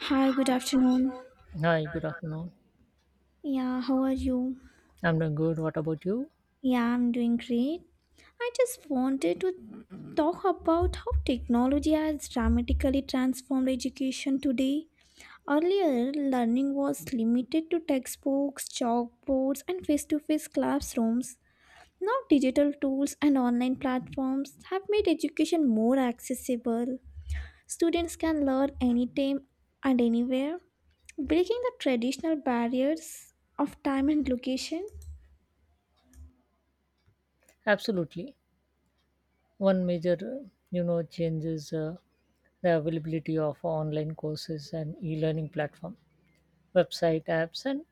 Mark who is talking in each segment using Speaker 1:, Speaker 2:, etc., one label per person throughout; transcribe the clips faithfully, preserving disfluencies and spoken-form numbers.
Speaker 1: Hi, good afternoon.
Speaker 2: Hi, good afternoon.
Speaker 1: Yeah, how are you?
Speaker 2: I'm doing good. What about you?
Speaker 1: Yeah, I'm doing great. I just wanted to talk about how technology has dramatically transformed education today. Earlier, learning was limited to textbooks, chalkboards, and face to face classrooms. Now, digital tools and online platforms have made education more accessible. Students can learn anytime and anywhere, breaking the traditional barriers of time and location.
Speaker 2: Absolutely. One major, uh, you know, change is uh, the availability of online courses and e-learning platform. Website apps and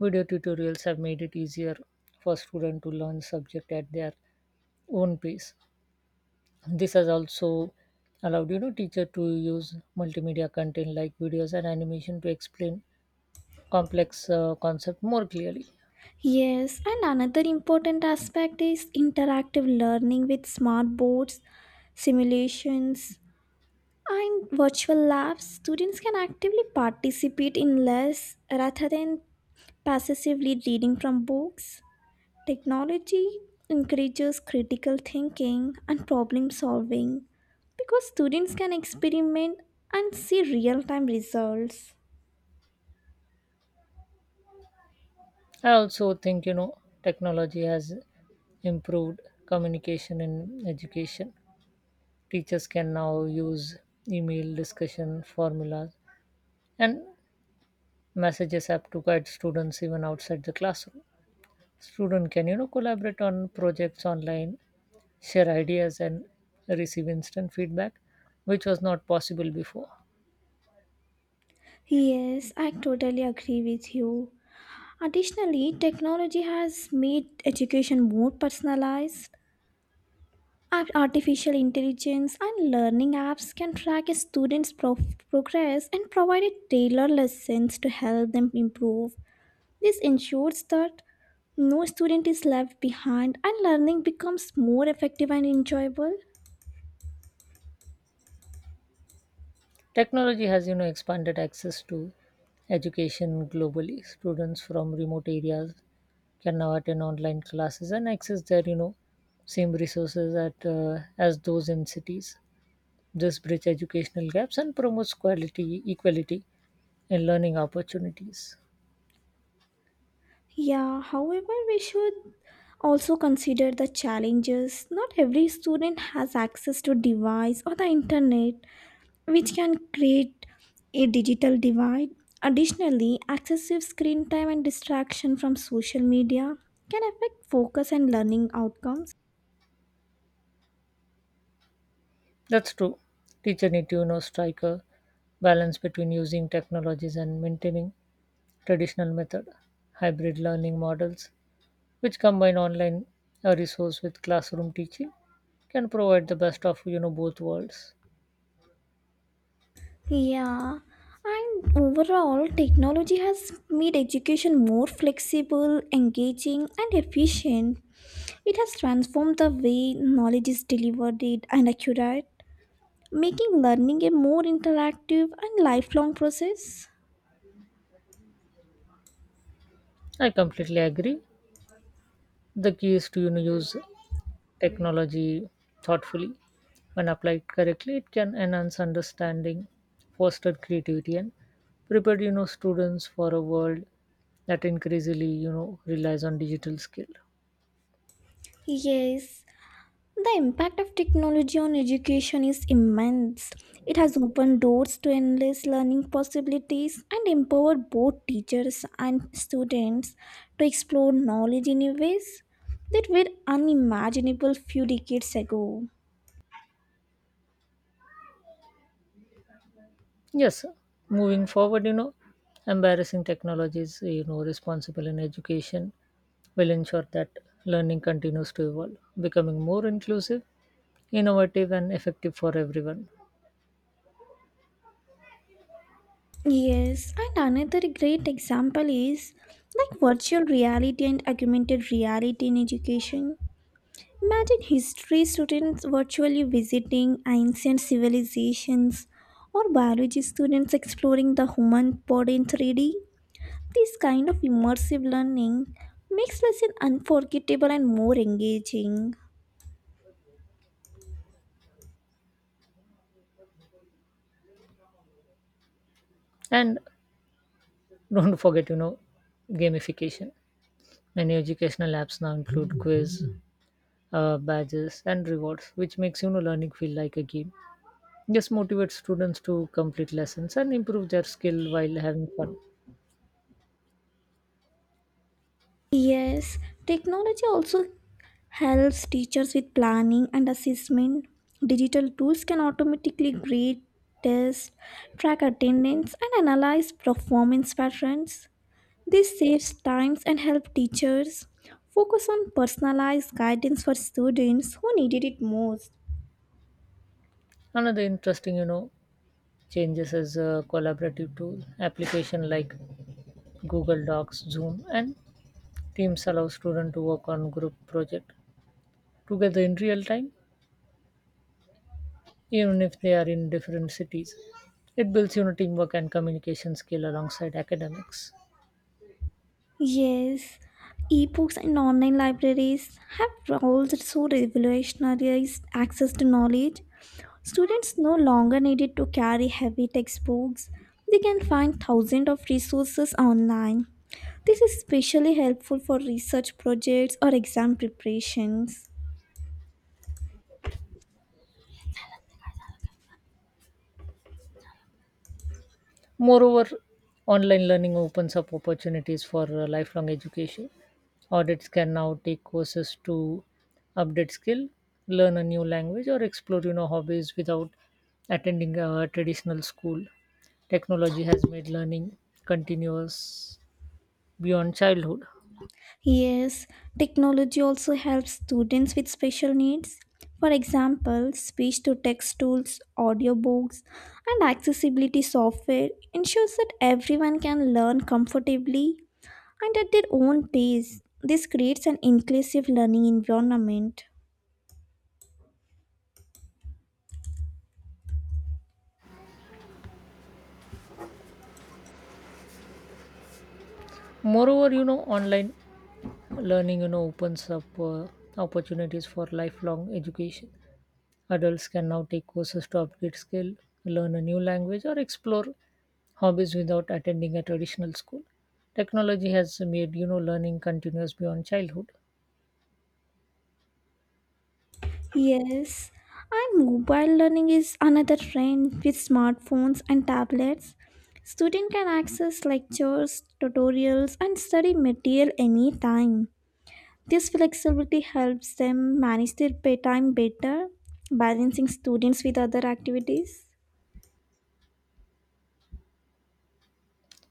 Speaker 2: video tutorials have made it easier for students to learn subject at their own pace. This has also allowed, you know, teacher to use multimedia content like videos and animation to explain complex uh, concept more clearly.
Speaker 1: Yes, and another important aspect is interactive learning with smart boards, simulations, and virtual labs. Students can actively participate in less rather than passively reading from books. Technology encourages critical thinking and problem solving because students can experiment and see real time results.
Speaker 2: I also think, you know, technology has improved communication in education. Teachers can now use email discussion formulas and messages app to guide students even outside the classroom. Student can you know collaborate on projects online, share ideas and receive instant feedback, which was not possible before.
Speaker 1: Yes, I totally agree with you. Additionally, technology has made education more personalized. Ar- Artificial intelligence and learning apps can track a student's pro- progress and provide a tailored lessons to help them improve. This ensures that no student is left behind and learning becomes more effective and enjoyable.
Speaker 2: Technology has you know expanded access to education globally. Students from remote areas can now attend online classes and access their you know same resources at uh, as those in cities. This bridge educational gaps and promotes quality equality in learning opportunities.
Speaker 1: Yeah, however, we should also consider the challenges. Not every student has access to device or the internet, which can create a digital divide. Additionally, excessive screen time and distraction from social media can affect focus and learning outcomes.
Speaker 2: That's true. Teacher need to you know strike a balance between using technologies and maintaining traditional method. Hybrid learning models which combine online uh, resource with classroom teaching can provide the best of you know both worlds.
Speaker 1: Yeah, and overall, technology has made education more flexible, engaging, and efficient. It has transformed the way knowledge is delivered it and accurate, making learning a more interactive and lifelong process.
Speaker 2: I completely agree. The key is to you know use technology thoughtfully. When applied correctly, it can enhance understanding, foster creativity, and prepare you know students for a world that increasingly you know relies on digital skill.
Speaker 1: Yes, the impact of technology on education is immense. It has opened doors to endless learning possibilities and empowered both teachers and students to explore knowledge in ways that were unimaginable few decades ago.
Speaker 2: Yes, sir. Moving forward, you know, embarrassing technologies you know responsible in education will ensure that learning continues to evolve, becoming more inclusive, innovative, and effective for everyone.
Speaker 1: Yes, and another great example is like virtual reality and augmented reality in education. Imagine history students virtually visiting ancient civilizations or biology students exploring the human body in three D. This kind of immersive learning makes lesson unforgettable and more engaging.
Speaker 2: And don't forget, you know, gamification. Many educational apps now include quiz, uh, badges, and rewards, which makes you know learning feel like a game. This motivates students to complete lessons and improve their skill while having fun.
Speaker 1: Yes, technology also helps teachers with planning and assessment. Digital tools can automatically grade, test, track attendance, and analyze performance patterns. This saves times and helps teachers focus on personalized guidance for students who needed it most.
Speaker 2: Another interesting, you know, changes is a collaborative tool application like Google Docs, Zoom, and Teams allow students to work on group project together in real time, even if they are in different cities. It builds, you know, teamwork and communication skill alongside academics.
Speaker 1: Yes, ebooks and online libraries have also revolutionized access to knowledge. Students no longer needed to carry heavy textbooks. They can find thousands of resources online. This is especially helpful for research projects or exam preparations.
Speaker 2: Moreover, online learning opens up opportunities for uh, lifelong education. Audits can now take courses to update skill, learn a new language, or explore you know hobbies without attending a traditional school. Technology has made learning continuous beyond childhood.
Speaker 1: Yes, technology also helps students with special needs. For example, speech to text tools, audiobooks, and accessibility software ensures that everyone can learn comfortably and at their own pace. This creates an inclusive learning environment.
Speaker 2: Moreover, you know online learning you know opens up uh, opportunities for lifelong education. Adults can now take courses to upgrade skill, learn a new language, or explore hobbies without attending a traditional school. Technology has made you know learning continuous beyond childhood.
Speaker 1: Yes, and mobile learning is another trend with smartphones and tablets. Student can access lectures, tutorials, and study material anytime. This flexibility helps them manage their paytime better, balancing students with other activities.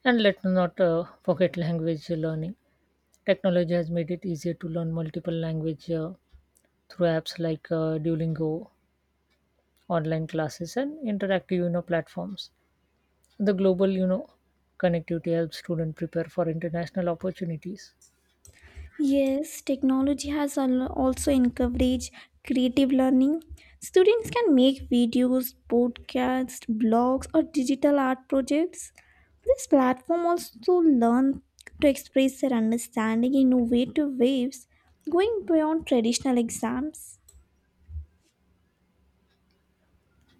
Speaker 2: And let's not uh, forget language learning. Technology has made it easier to learn multiple language uh, through apps like uh, Duolingo, online classes, and interactive you know platforms. The global you know connectivity helps students prepare for international opportunities.
Speaker 1: Yes, technology has al- also encouraged creative learning. Students can make videos, podcasts, blogs, or digital art projects. This platform also learn to express their understanding in innovative ways, going beyond traditional exams.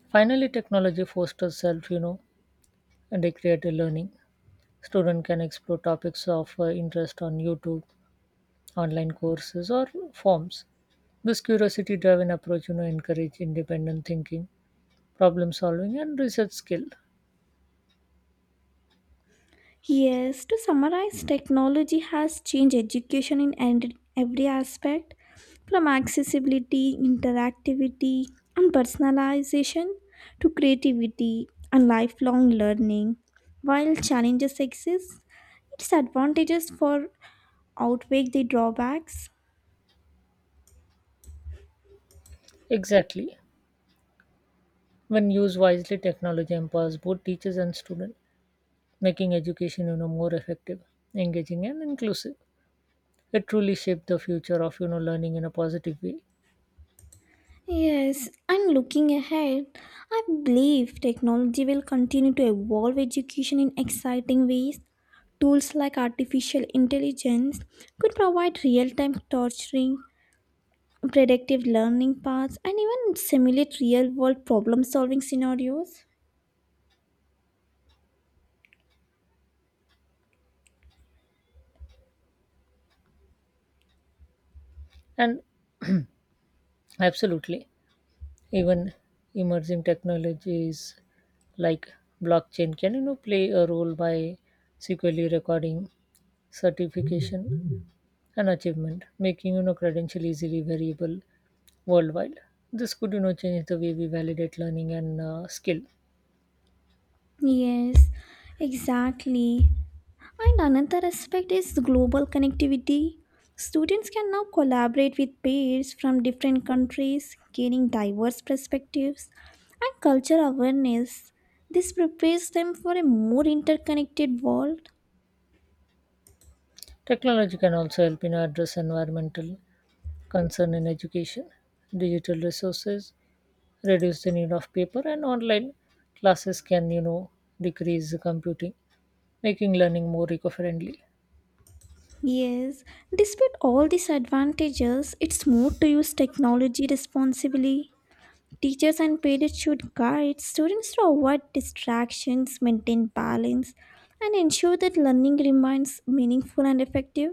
Speaker 2: Finally, technology fosters self you know and creative learning. Student can explore topics of uh, interest on YouTube, online courses or forms. This curiosity driven approach you know encourage independent thinking, problem solving and research skill.
Speaker 1: Yes, to summarize, technology has changed education in and- every aspect, from accessibility, interactivity, and personalization to creativity and lifelong learning. While challenges exist, its advantages for outweigh the drawbacks.
Speaker 2: Exactly. When used wisely, technology empowers both teachers and students, making education you know more effective, engaging and inclusive. It truly shaped the future of you know learning in a positive way.
Speaker 1: Yes, and looking ahead, I believe technology will continue to evolve education in exciting ways. Tools like artificial intelligence could provide real time torturing, predictive learning paths, and even simulate real world problem solving scenarios.
Speaker 2: And absolutely, even emerging technologies like blockchain can you know play a role by securely recording certification an achievement, making you know credential easily variable worldwide. This could you know change the way we validate learning and uh, skill.
Speaker 1: Yes, exactly. And another aspect is global connectivity. Students can now collaborate with peers from different countries, gaining diverse perspectives and cultural awareness. This prepares them for a more interconnected world.
Speaker 2: Technology can also help in address environmental concern in education. Digital resources reduce the need of paper, and online classes can you know decrease the computing, making learning more eco-friendly.
Speaker 1: Yes, despite all these advantages, it's more to use technology responsibly. Teachers and parents should guide students to avoid distractions, maintain balance, and ensure that learning remains meaningful and effective.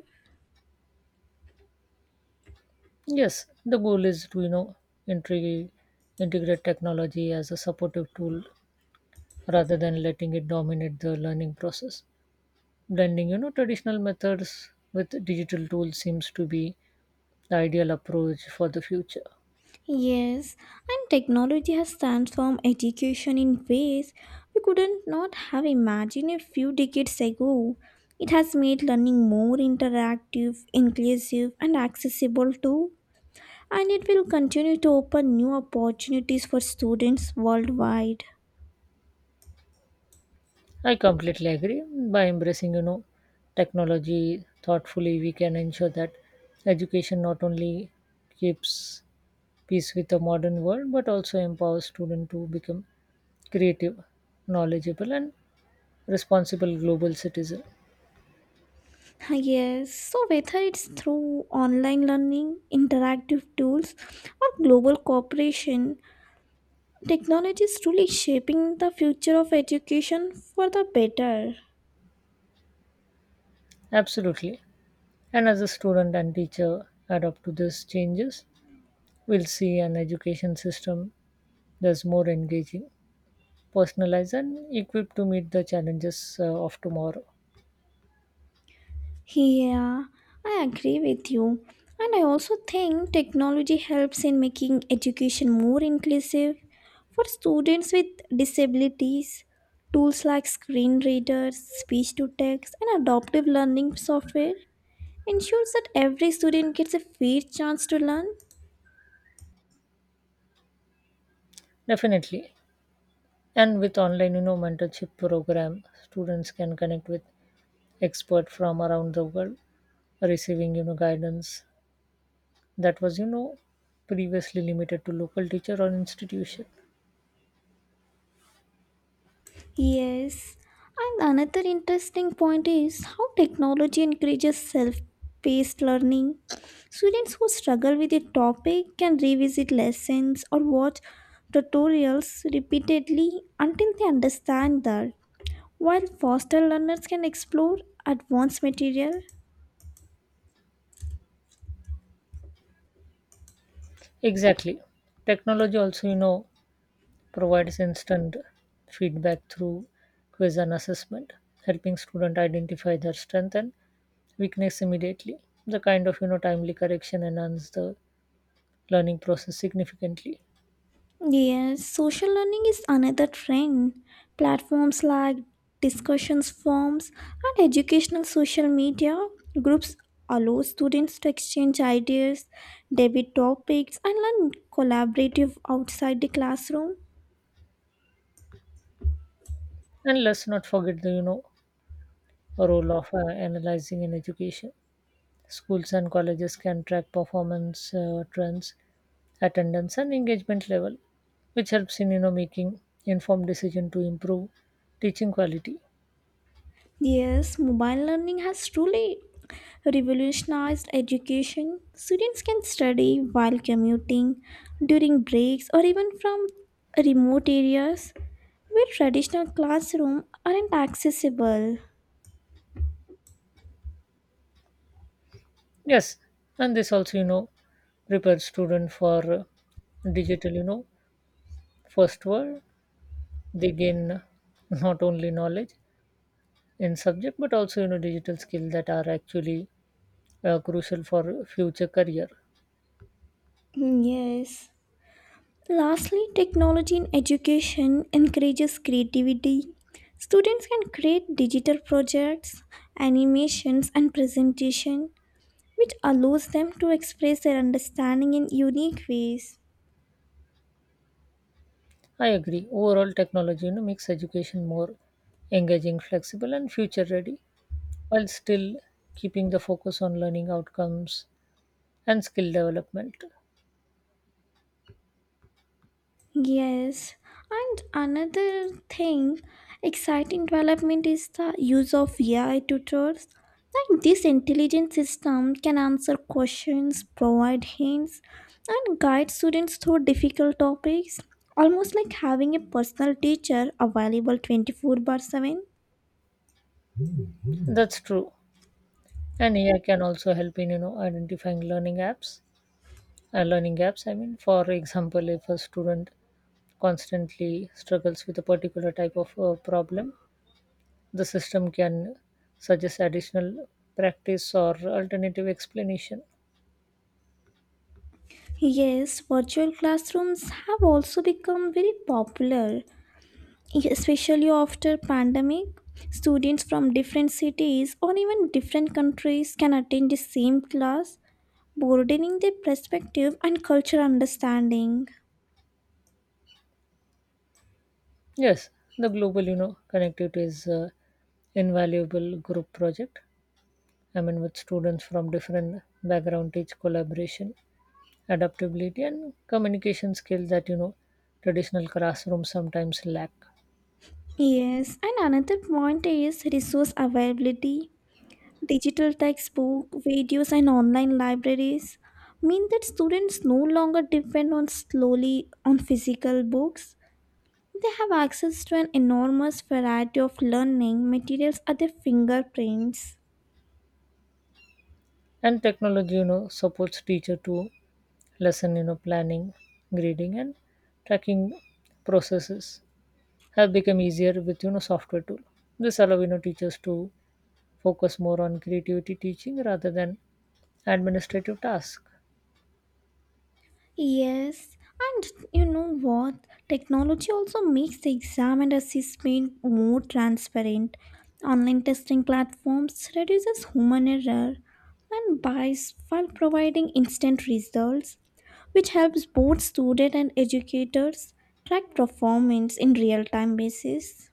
Speaker 2: Yes, the goal is to you know intrig- integrate technology as a supportive tool rather than letting it dominate the learning process. Blending you know traditional methods with digital tools seems to be the ideal approach for the future.
Speaker 1: Yes, and technology has transformed education in ways we couldn't not have imagined a few decades ago. It has made learning more interactive, inclusive, and accessible too, and it will continue to open new opportunities for students worldwide.
Speaker 2: I completely agree. By embracing you know technology thoughtfully, we can ensure that education not only keeps pace with the modern world but also empowers students to become creative, knowledgeable and responsible global citizen.
Speaker 1: Yes, so whether it's through online learning, interactive tools, or global cooperation, technology is truly shaping the future of education for the better.
Speaker 2: Absolutely. And as a student and teacher adapt to these changes, we'll see an education system thus more engaging, personalized, and equipped to meet the challenges uh, of tomorrow.
Speaker 1: Yeah, I agree with you. And I also think technology helps in making education more inclusive for students with disabilities. Tools like screen readers, speech to text, and adaptive learning software ensures that every student gets a fair chance to learn.
Speaker 2: Definitely. And with online, you know, mentorship program, students can connect with experts from around the world, receiving, you know, guidance that was, you know, previously limited to local teacher or institution.
Speaker 1: Yes, and another interesting point is how technology encourages self paced learning. Students who struggle with a topic can revisit lessons or watch tutorials repeatedly until they understand that, while foster learners can explore advanced material.
Speaker 2: Exactly. Technology also, you know, provides instant feedback through quiz and assessment, helping student identify their strength and weakness immediately. The kind of you know timely correction enhance the learning process significantly.
Speaker 1: Yes, social learning is another trend. Platforms like discussions forums and educational social media groups allow students to exchange ideas, debate topics, and learn collaborative outside the classroom.
Speaker 2: And let's not forget the you know role of uh, analyzing in education. Schools and colleges can track performance uh, trends, attendance, and engagement level, which helps in you know making informed decision to improve teaching quality.
Speaker 1: Yes, mobile learning has truly revolutionized education. Students can study while commuting, during breaks, or even from remote areas where traditional classrooms aren't accessible.
Speaker 2: Yes, and this also you know prepares student for uh, digital you know first world. They gain not only knowledge in subject but also you know digital skill that are actually uh, crucial for future career.
Speaker 1: Mm, yes. Lastly, technology in education encourages creativity. Students can create digital projects, animations, and presentation, which allows them to express their understanding in unique ways.
Speaker 2: I agree. Overall, technology you know makes education more engaging, flexible and future ready while still keeping the focus on learning outcomes and skill development.
Speaker 1: Yes, and another thing, exciting development is the use of A I tutors. Like this intelligent system can answer questions, provide hints, and guide students through difficult topics, almost like having a personal teacher available twenty-four bar seven.
Speaker 2: That's true. And AI can also help in you know identifying learning apps uh, learning gaps. I mean, for example, if a student constantly struggles with a particular type of uh, problem, the system can suggest additional practice or alternative explanation.
Speaker 1: Yes, virtual classrooms have also become very popular, especially after pandemic. Students from different cities or even different countries can attend the same class, broadening their perspective and cultural understanding.
Speaker 2: Yes, the global, you know, connectivity is uh, invaluable group project. I mean, with students from different background, teach collaboration, adaptability, and communication skills that you know traditional classrooms sometimes lack.
Speaker 1: Yes, and another point is resource availability. Digital textbook videos and online libraries mean that students no longer depend on slowly on physical books. They have access to an enormous variety of learning materials at their fingerprints.
Speaker 2: And technology, you know, supports teacher to lesson, you know, planning, grading, and tracking processes. Have become easier with you know software tool. This allows you know teachers to focus more on creativity teaching rather than administrative tasks.
Speaker 1: Yes, and you know what? Technology also makes the exam and assessment more transparent. Online testing platforms reduces human error and bias while providing instant results, which helps both students and educators track performance in real-time basis.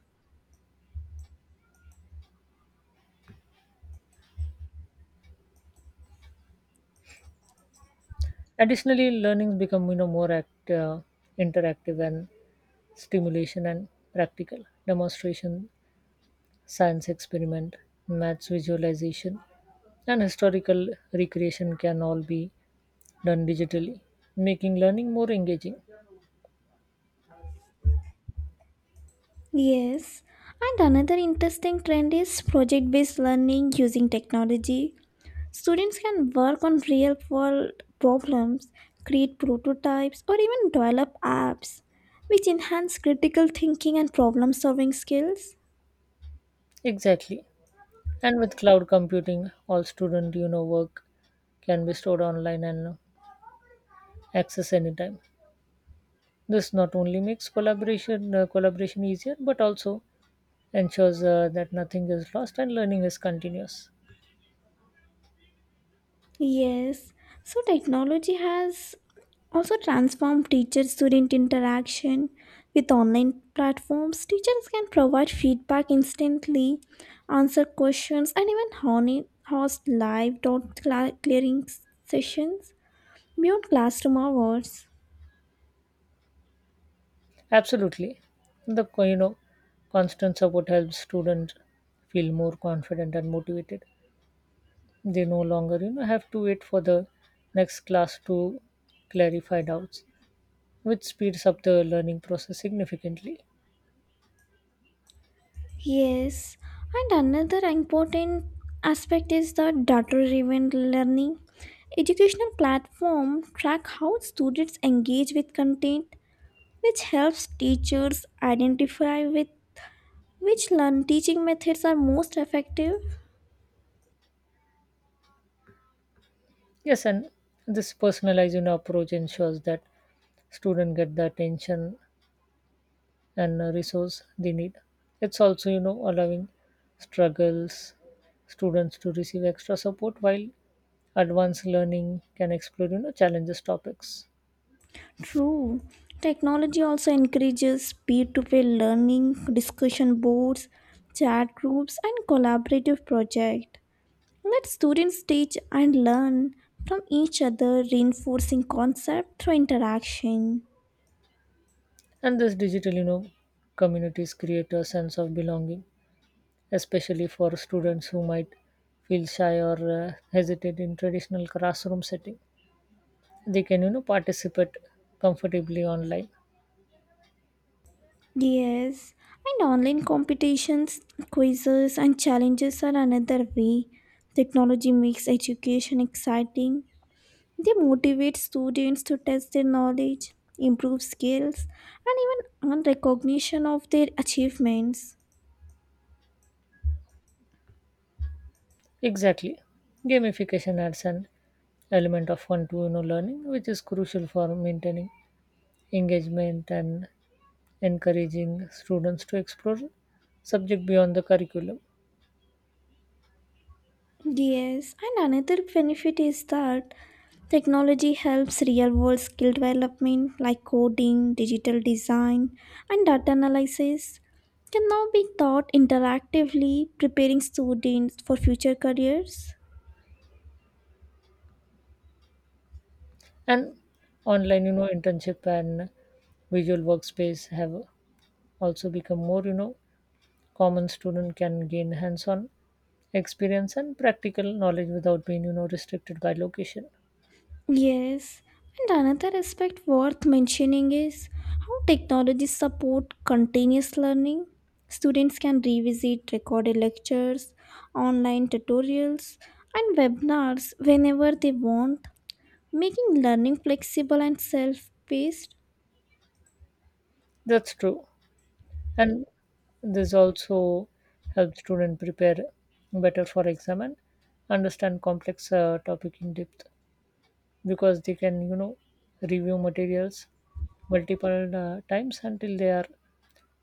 Speaker 2: Additionally, learnings become you know more act, uh, interactive and stimulation and practical. Demonstration, science experiment, maths visualization, and historical recreation can all be done digitally, making learning more engaging.
Speaker 1: Yes, and another interesting trend is project based learning using technology. Students can work on real world problems, create prototypes, or even develop apps, which enhance critical thinking and problem solving skills.
Speaker 2: Exactly. And with cloud computing, all student you know work can be stored online and accessed anytime. This not only makes collaboration uh, collaboration easier, but also ensures uh, that nothing is lost and learning is continuous.
Speaker 1: Yes, so technology has also transformed teacher student interaction. With online platforms, teachers can provide feedback instantly, answer questions, and even honi- host live dot cla- clearing sessions beyond classroom hours.
Speaker 2: Absolutely, the co- you know constant support helps students feel more confident and motivated. They no longer you know have to wait for the next class to clarify doubts, which speeds up the learning process significantly.
Speaker 1: Yes, and another important aspect is the data-driven learning. Educational platform track how students engage with content, which helps teachers identify with which learn teaching methods are most effective.
Speaker 2: Yes, and this personalized, you know, approach ensures that students get the attention and uh, resource they need. It's also, you know, allowing struggles students to receive extra support while advanced learning can explore, you know, challenges topics.
Speaker 1: True, technology also encourages peer-to-peer learning, discussion boards, chat groups, and collaborative projects. Let students teach and learn from each other, reinforcing concept through interaction.
Speaker 2: And this digital, you know, communities create a sense of belonging, especially for students who might feel shy or uh, hesitate in traditional classroom setting. They can, you know, participate comfortably online.
Speaker 1: Yes, and online competitions, quizzes, and challenges are another way. Technology makes education exciting. They motivate students to test their knowledge, improve skills, and even earn recognition of their achievements.
Speaker 2: Exactly. Gamification adds an element of fun to you know learning, which is crucial for maintaining engagement and encouraging students to explore subject beyond the curriculum.
Speaker 1: Yes, and another benefit is that technology helps real world skill development like coding, digital design, and data analysis can now be taught interactively, preparing students for future careers.
Speaker 2: And online, you know, internship and visual workspace have also become more, you know, common. Student can gain hands-on experience and practical knowledge without being, you know, restricted by location.
Speaker 1: Yes, and another aspect worth mentioning is how technology support continuous learning. Students can revisit recorded lectures, online tutorials, and webinars whenever they want, making learning flexible and self-paced.
Speaker 2: That's true. And this also helps student prepare better for exam and understand complex uh, topic in depth, because they can you know review materials multiple uh, times until they are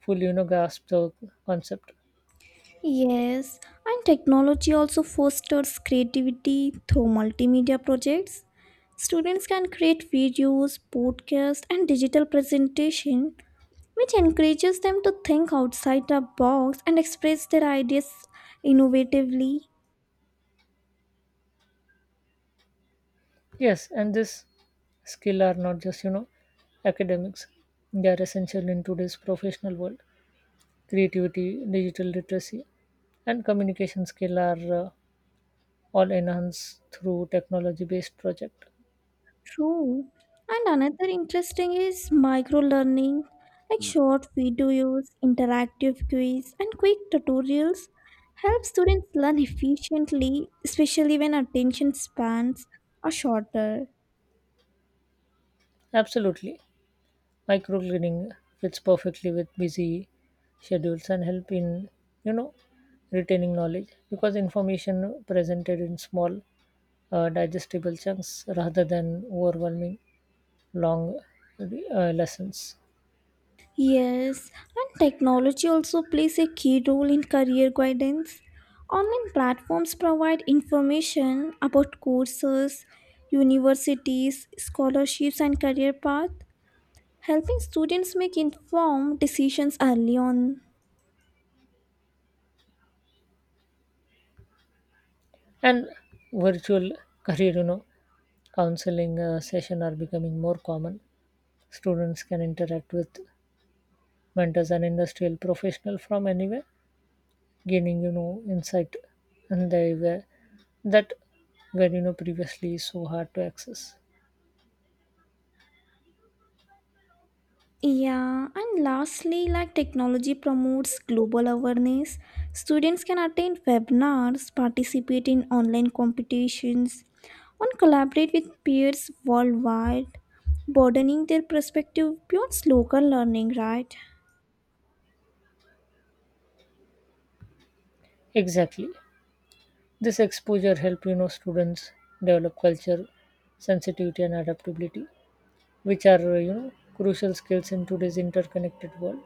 Speaker 2: fully you know grasp the concept.
Speaker 1: Yes, and technology also fosters creativity through multimedia projects. Students can create videos, podcasts, and digital presentation which encourages them to think outside the box and express their ideas innovatively.
Speaker 2: Yes, and this skill are not just you know academics. They are essential in today's professional world. Creativity, digital literacy and communication skill are uh, all enhanced through technology based project.
Speaker 1: True. And another interesting is micro learning, like short videos, interactive quiz, and quick tutorials help students learn efficiently, especially when attention spans are shorter.
Speaker 2: Absolutely. Microcleaning fits perfectly with busy schedules and help in, you know, retaining knowledge, because information presented in small uh, digestible chunks rather than overwhelming long uh, lessons.
Speaker 1: Yes, and technology also plays a key role in career guidance. Online platforms provide information about courses, universities, scholarships, and career paths, helping students make informed decisions early on.
Speaker 2: And virtual career, you know, counseling uh, session are becoming more common. Students can interact with mentors and industrial professional from anywhere, gaining you know insight and they were that were you know previously so hard to access.
Speaker 1: Yeah, and lastly, like technology promotes global awareness. Students can attend webinars, participate in online competitions, and collaborate with peers worldwide, broadening their perspective beyond local learning, right?
Speaker 2: Exactly. This exposure help you know students develop culture sensitivity and adaptability, which are, uh, you know crucial skills in today's interconnected world.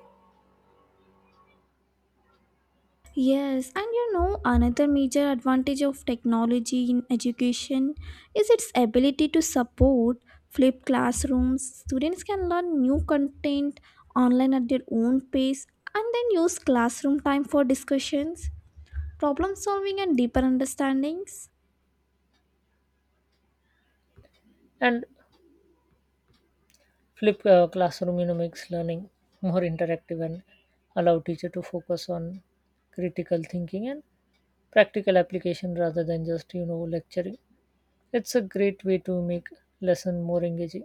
Speaker 1: Yes, and you know, another major advantage of technology in education is its ability to support flipped classrooms. Students can learn new content online at their own pace and then use classroom time for discussions, problem solving, and deeper understandings.
Speaker 2: And flip uh, classroom you know makes learning more interactive and allow teacher to focus on critical thinking and practical application rather than just you know lecturing. It's a great way to make lesson more engaging,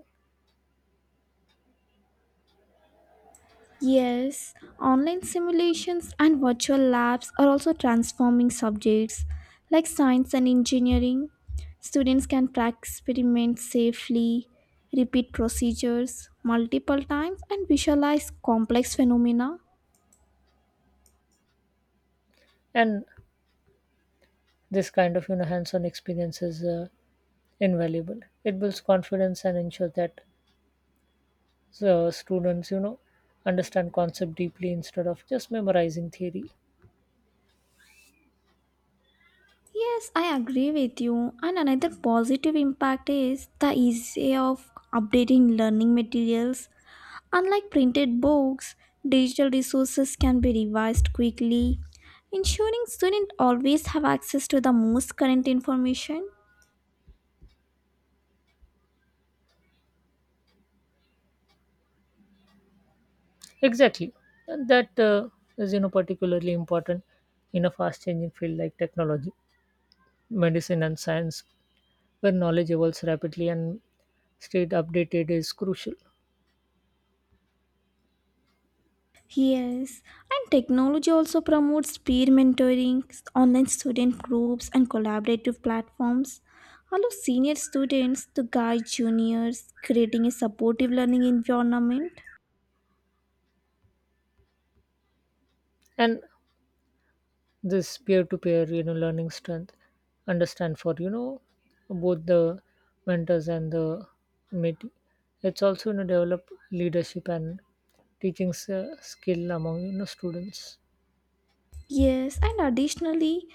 Speaker 1: Yes, online simulations and virtual labs are also transforming subjects like science and engineering. Students can practice experiments safely, repeat procedures multiple times, and visualize complex phenomena.
Speaker 2: and this kind of you know hands-on experience is uh, invaluable. It builds confidence and ensures that uh, students you know understand concept deeply instead of just memorizing theory.
Speaker 1: Yes, I agree with you. And another positive impact is the ease of updating learning materials. Unlike printed books, digital resources can be revised quickly, ensuring students always have access to the most current information.
Speaker 2: Exactly, and that uh, is you know particularly important in a fast-changing field like technology, medicine, and science, where knowledge evolves rapidly and stayed updated is crucial.
Speaker 1: Yes, and technology also promotes peer mentoring, online student groups, and collaborative platforms. Allow senior students to guide juniors, creating a supportive learning environment.
Speaker 2: And this peer-to-peer you know learning strength understand for you know both the mentors and the mentee. It's also you know develop leadership and teaching s- uh, skill among you know students.
Speaker 1: Yes, and additionally,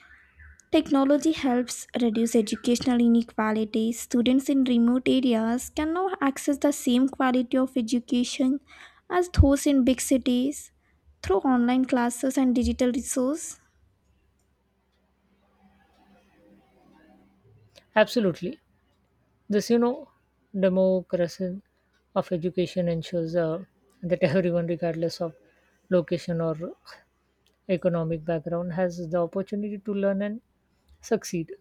Speaker 1: technology helps reduce educational inequality. Students in remote areas can now access the same quality of education as those in big cities through online classes and digital resources.
Speaker 2: Absolutely. This you know democracy of education ensures uh, that everyone, regardless of location or economic background, has the opportunity to learn and succeed.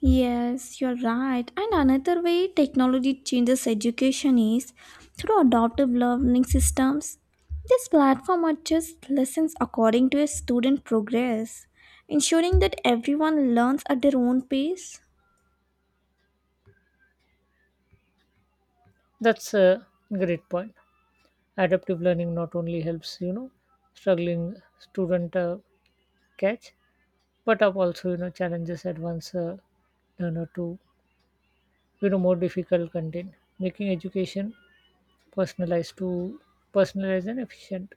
Speaker 1: Yes, you're right. And another way technology changes education is through adaptive learning systems. This platform adjusts lessons according to a student progress, ensuring that everyone learns at their own pace.
Speaker 2: That's a great point. Adaptive learning not only helps you know struggling student uh, catch but up also you know challenges advanced uh, learner to you know more difficult content, making education personalized to personalized and efficient.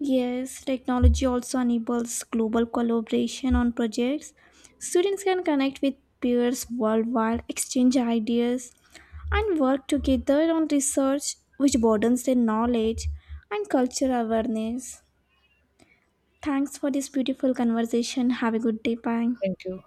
Speaker 1: Yes, technology also enables global collaboration on projects. Students can connect with peers worldwide, exchange ideas, and work together on research which broadens their knowledge and cultural awareness. Thanks for this beautiful conversation. Have a good day. Bye.
Speaker 2: Thank you.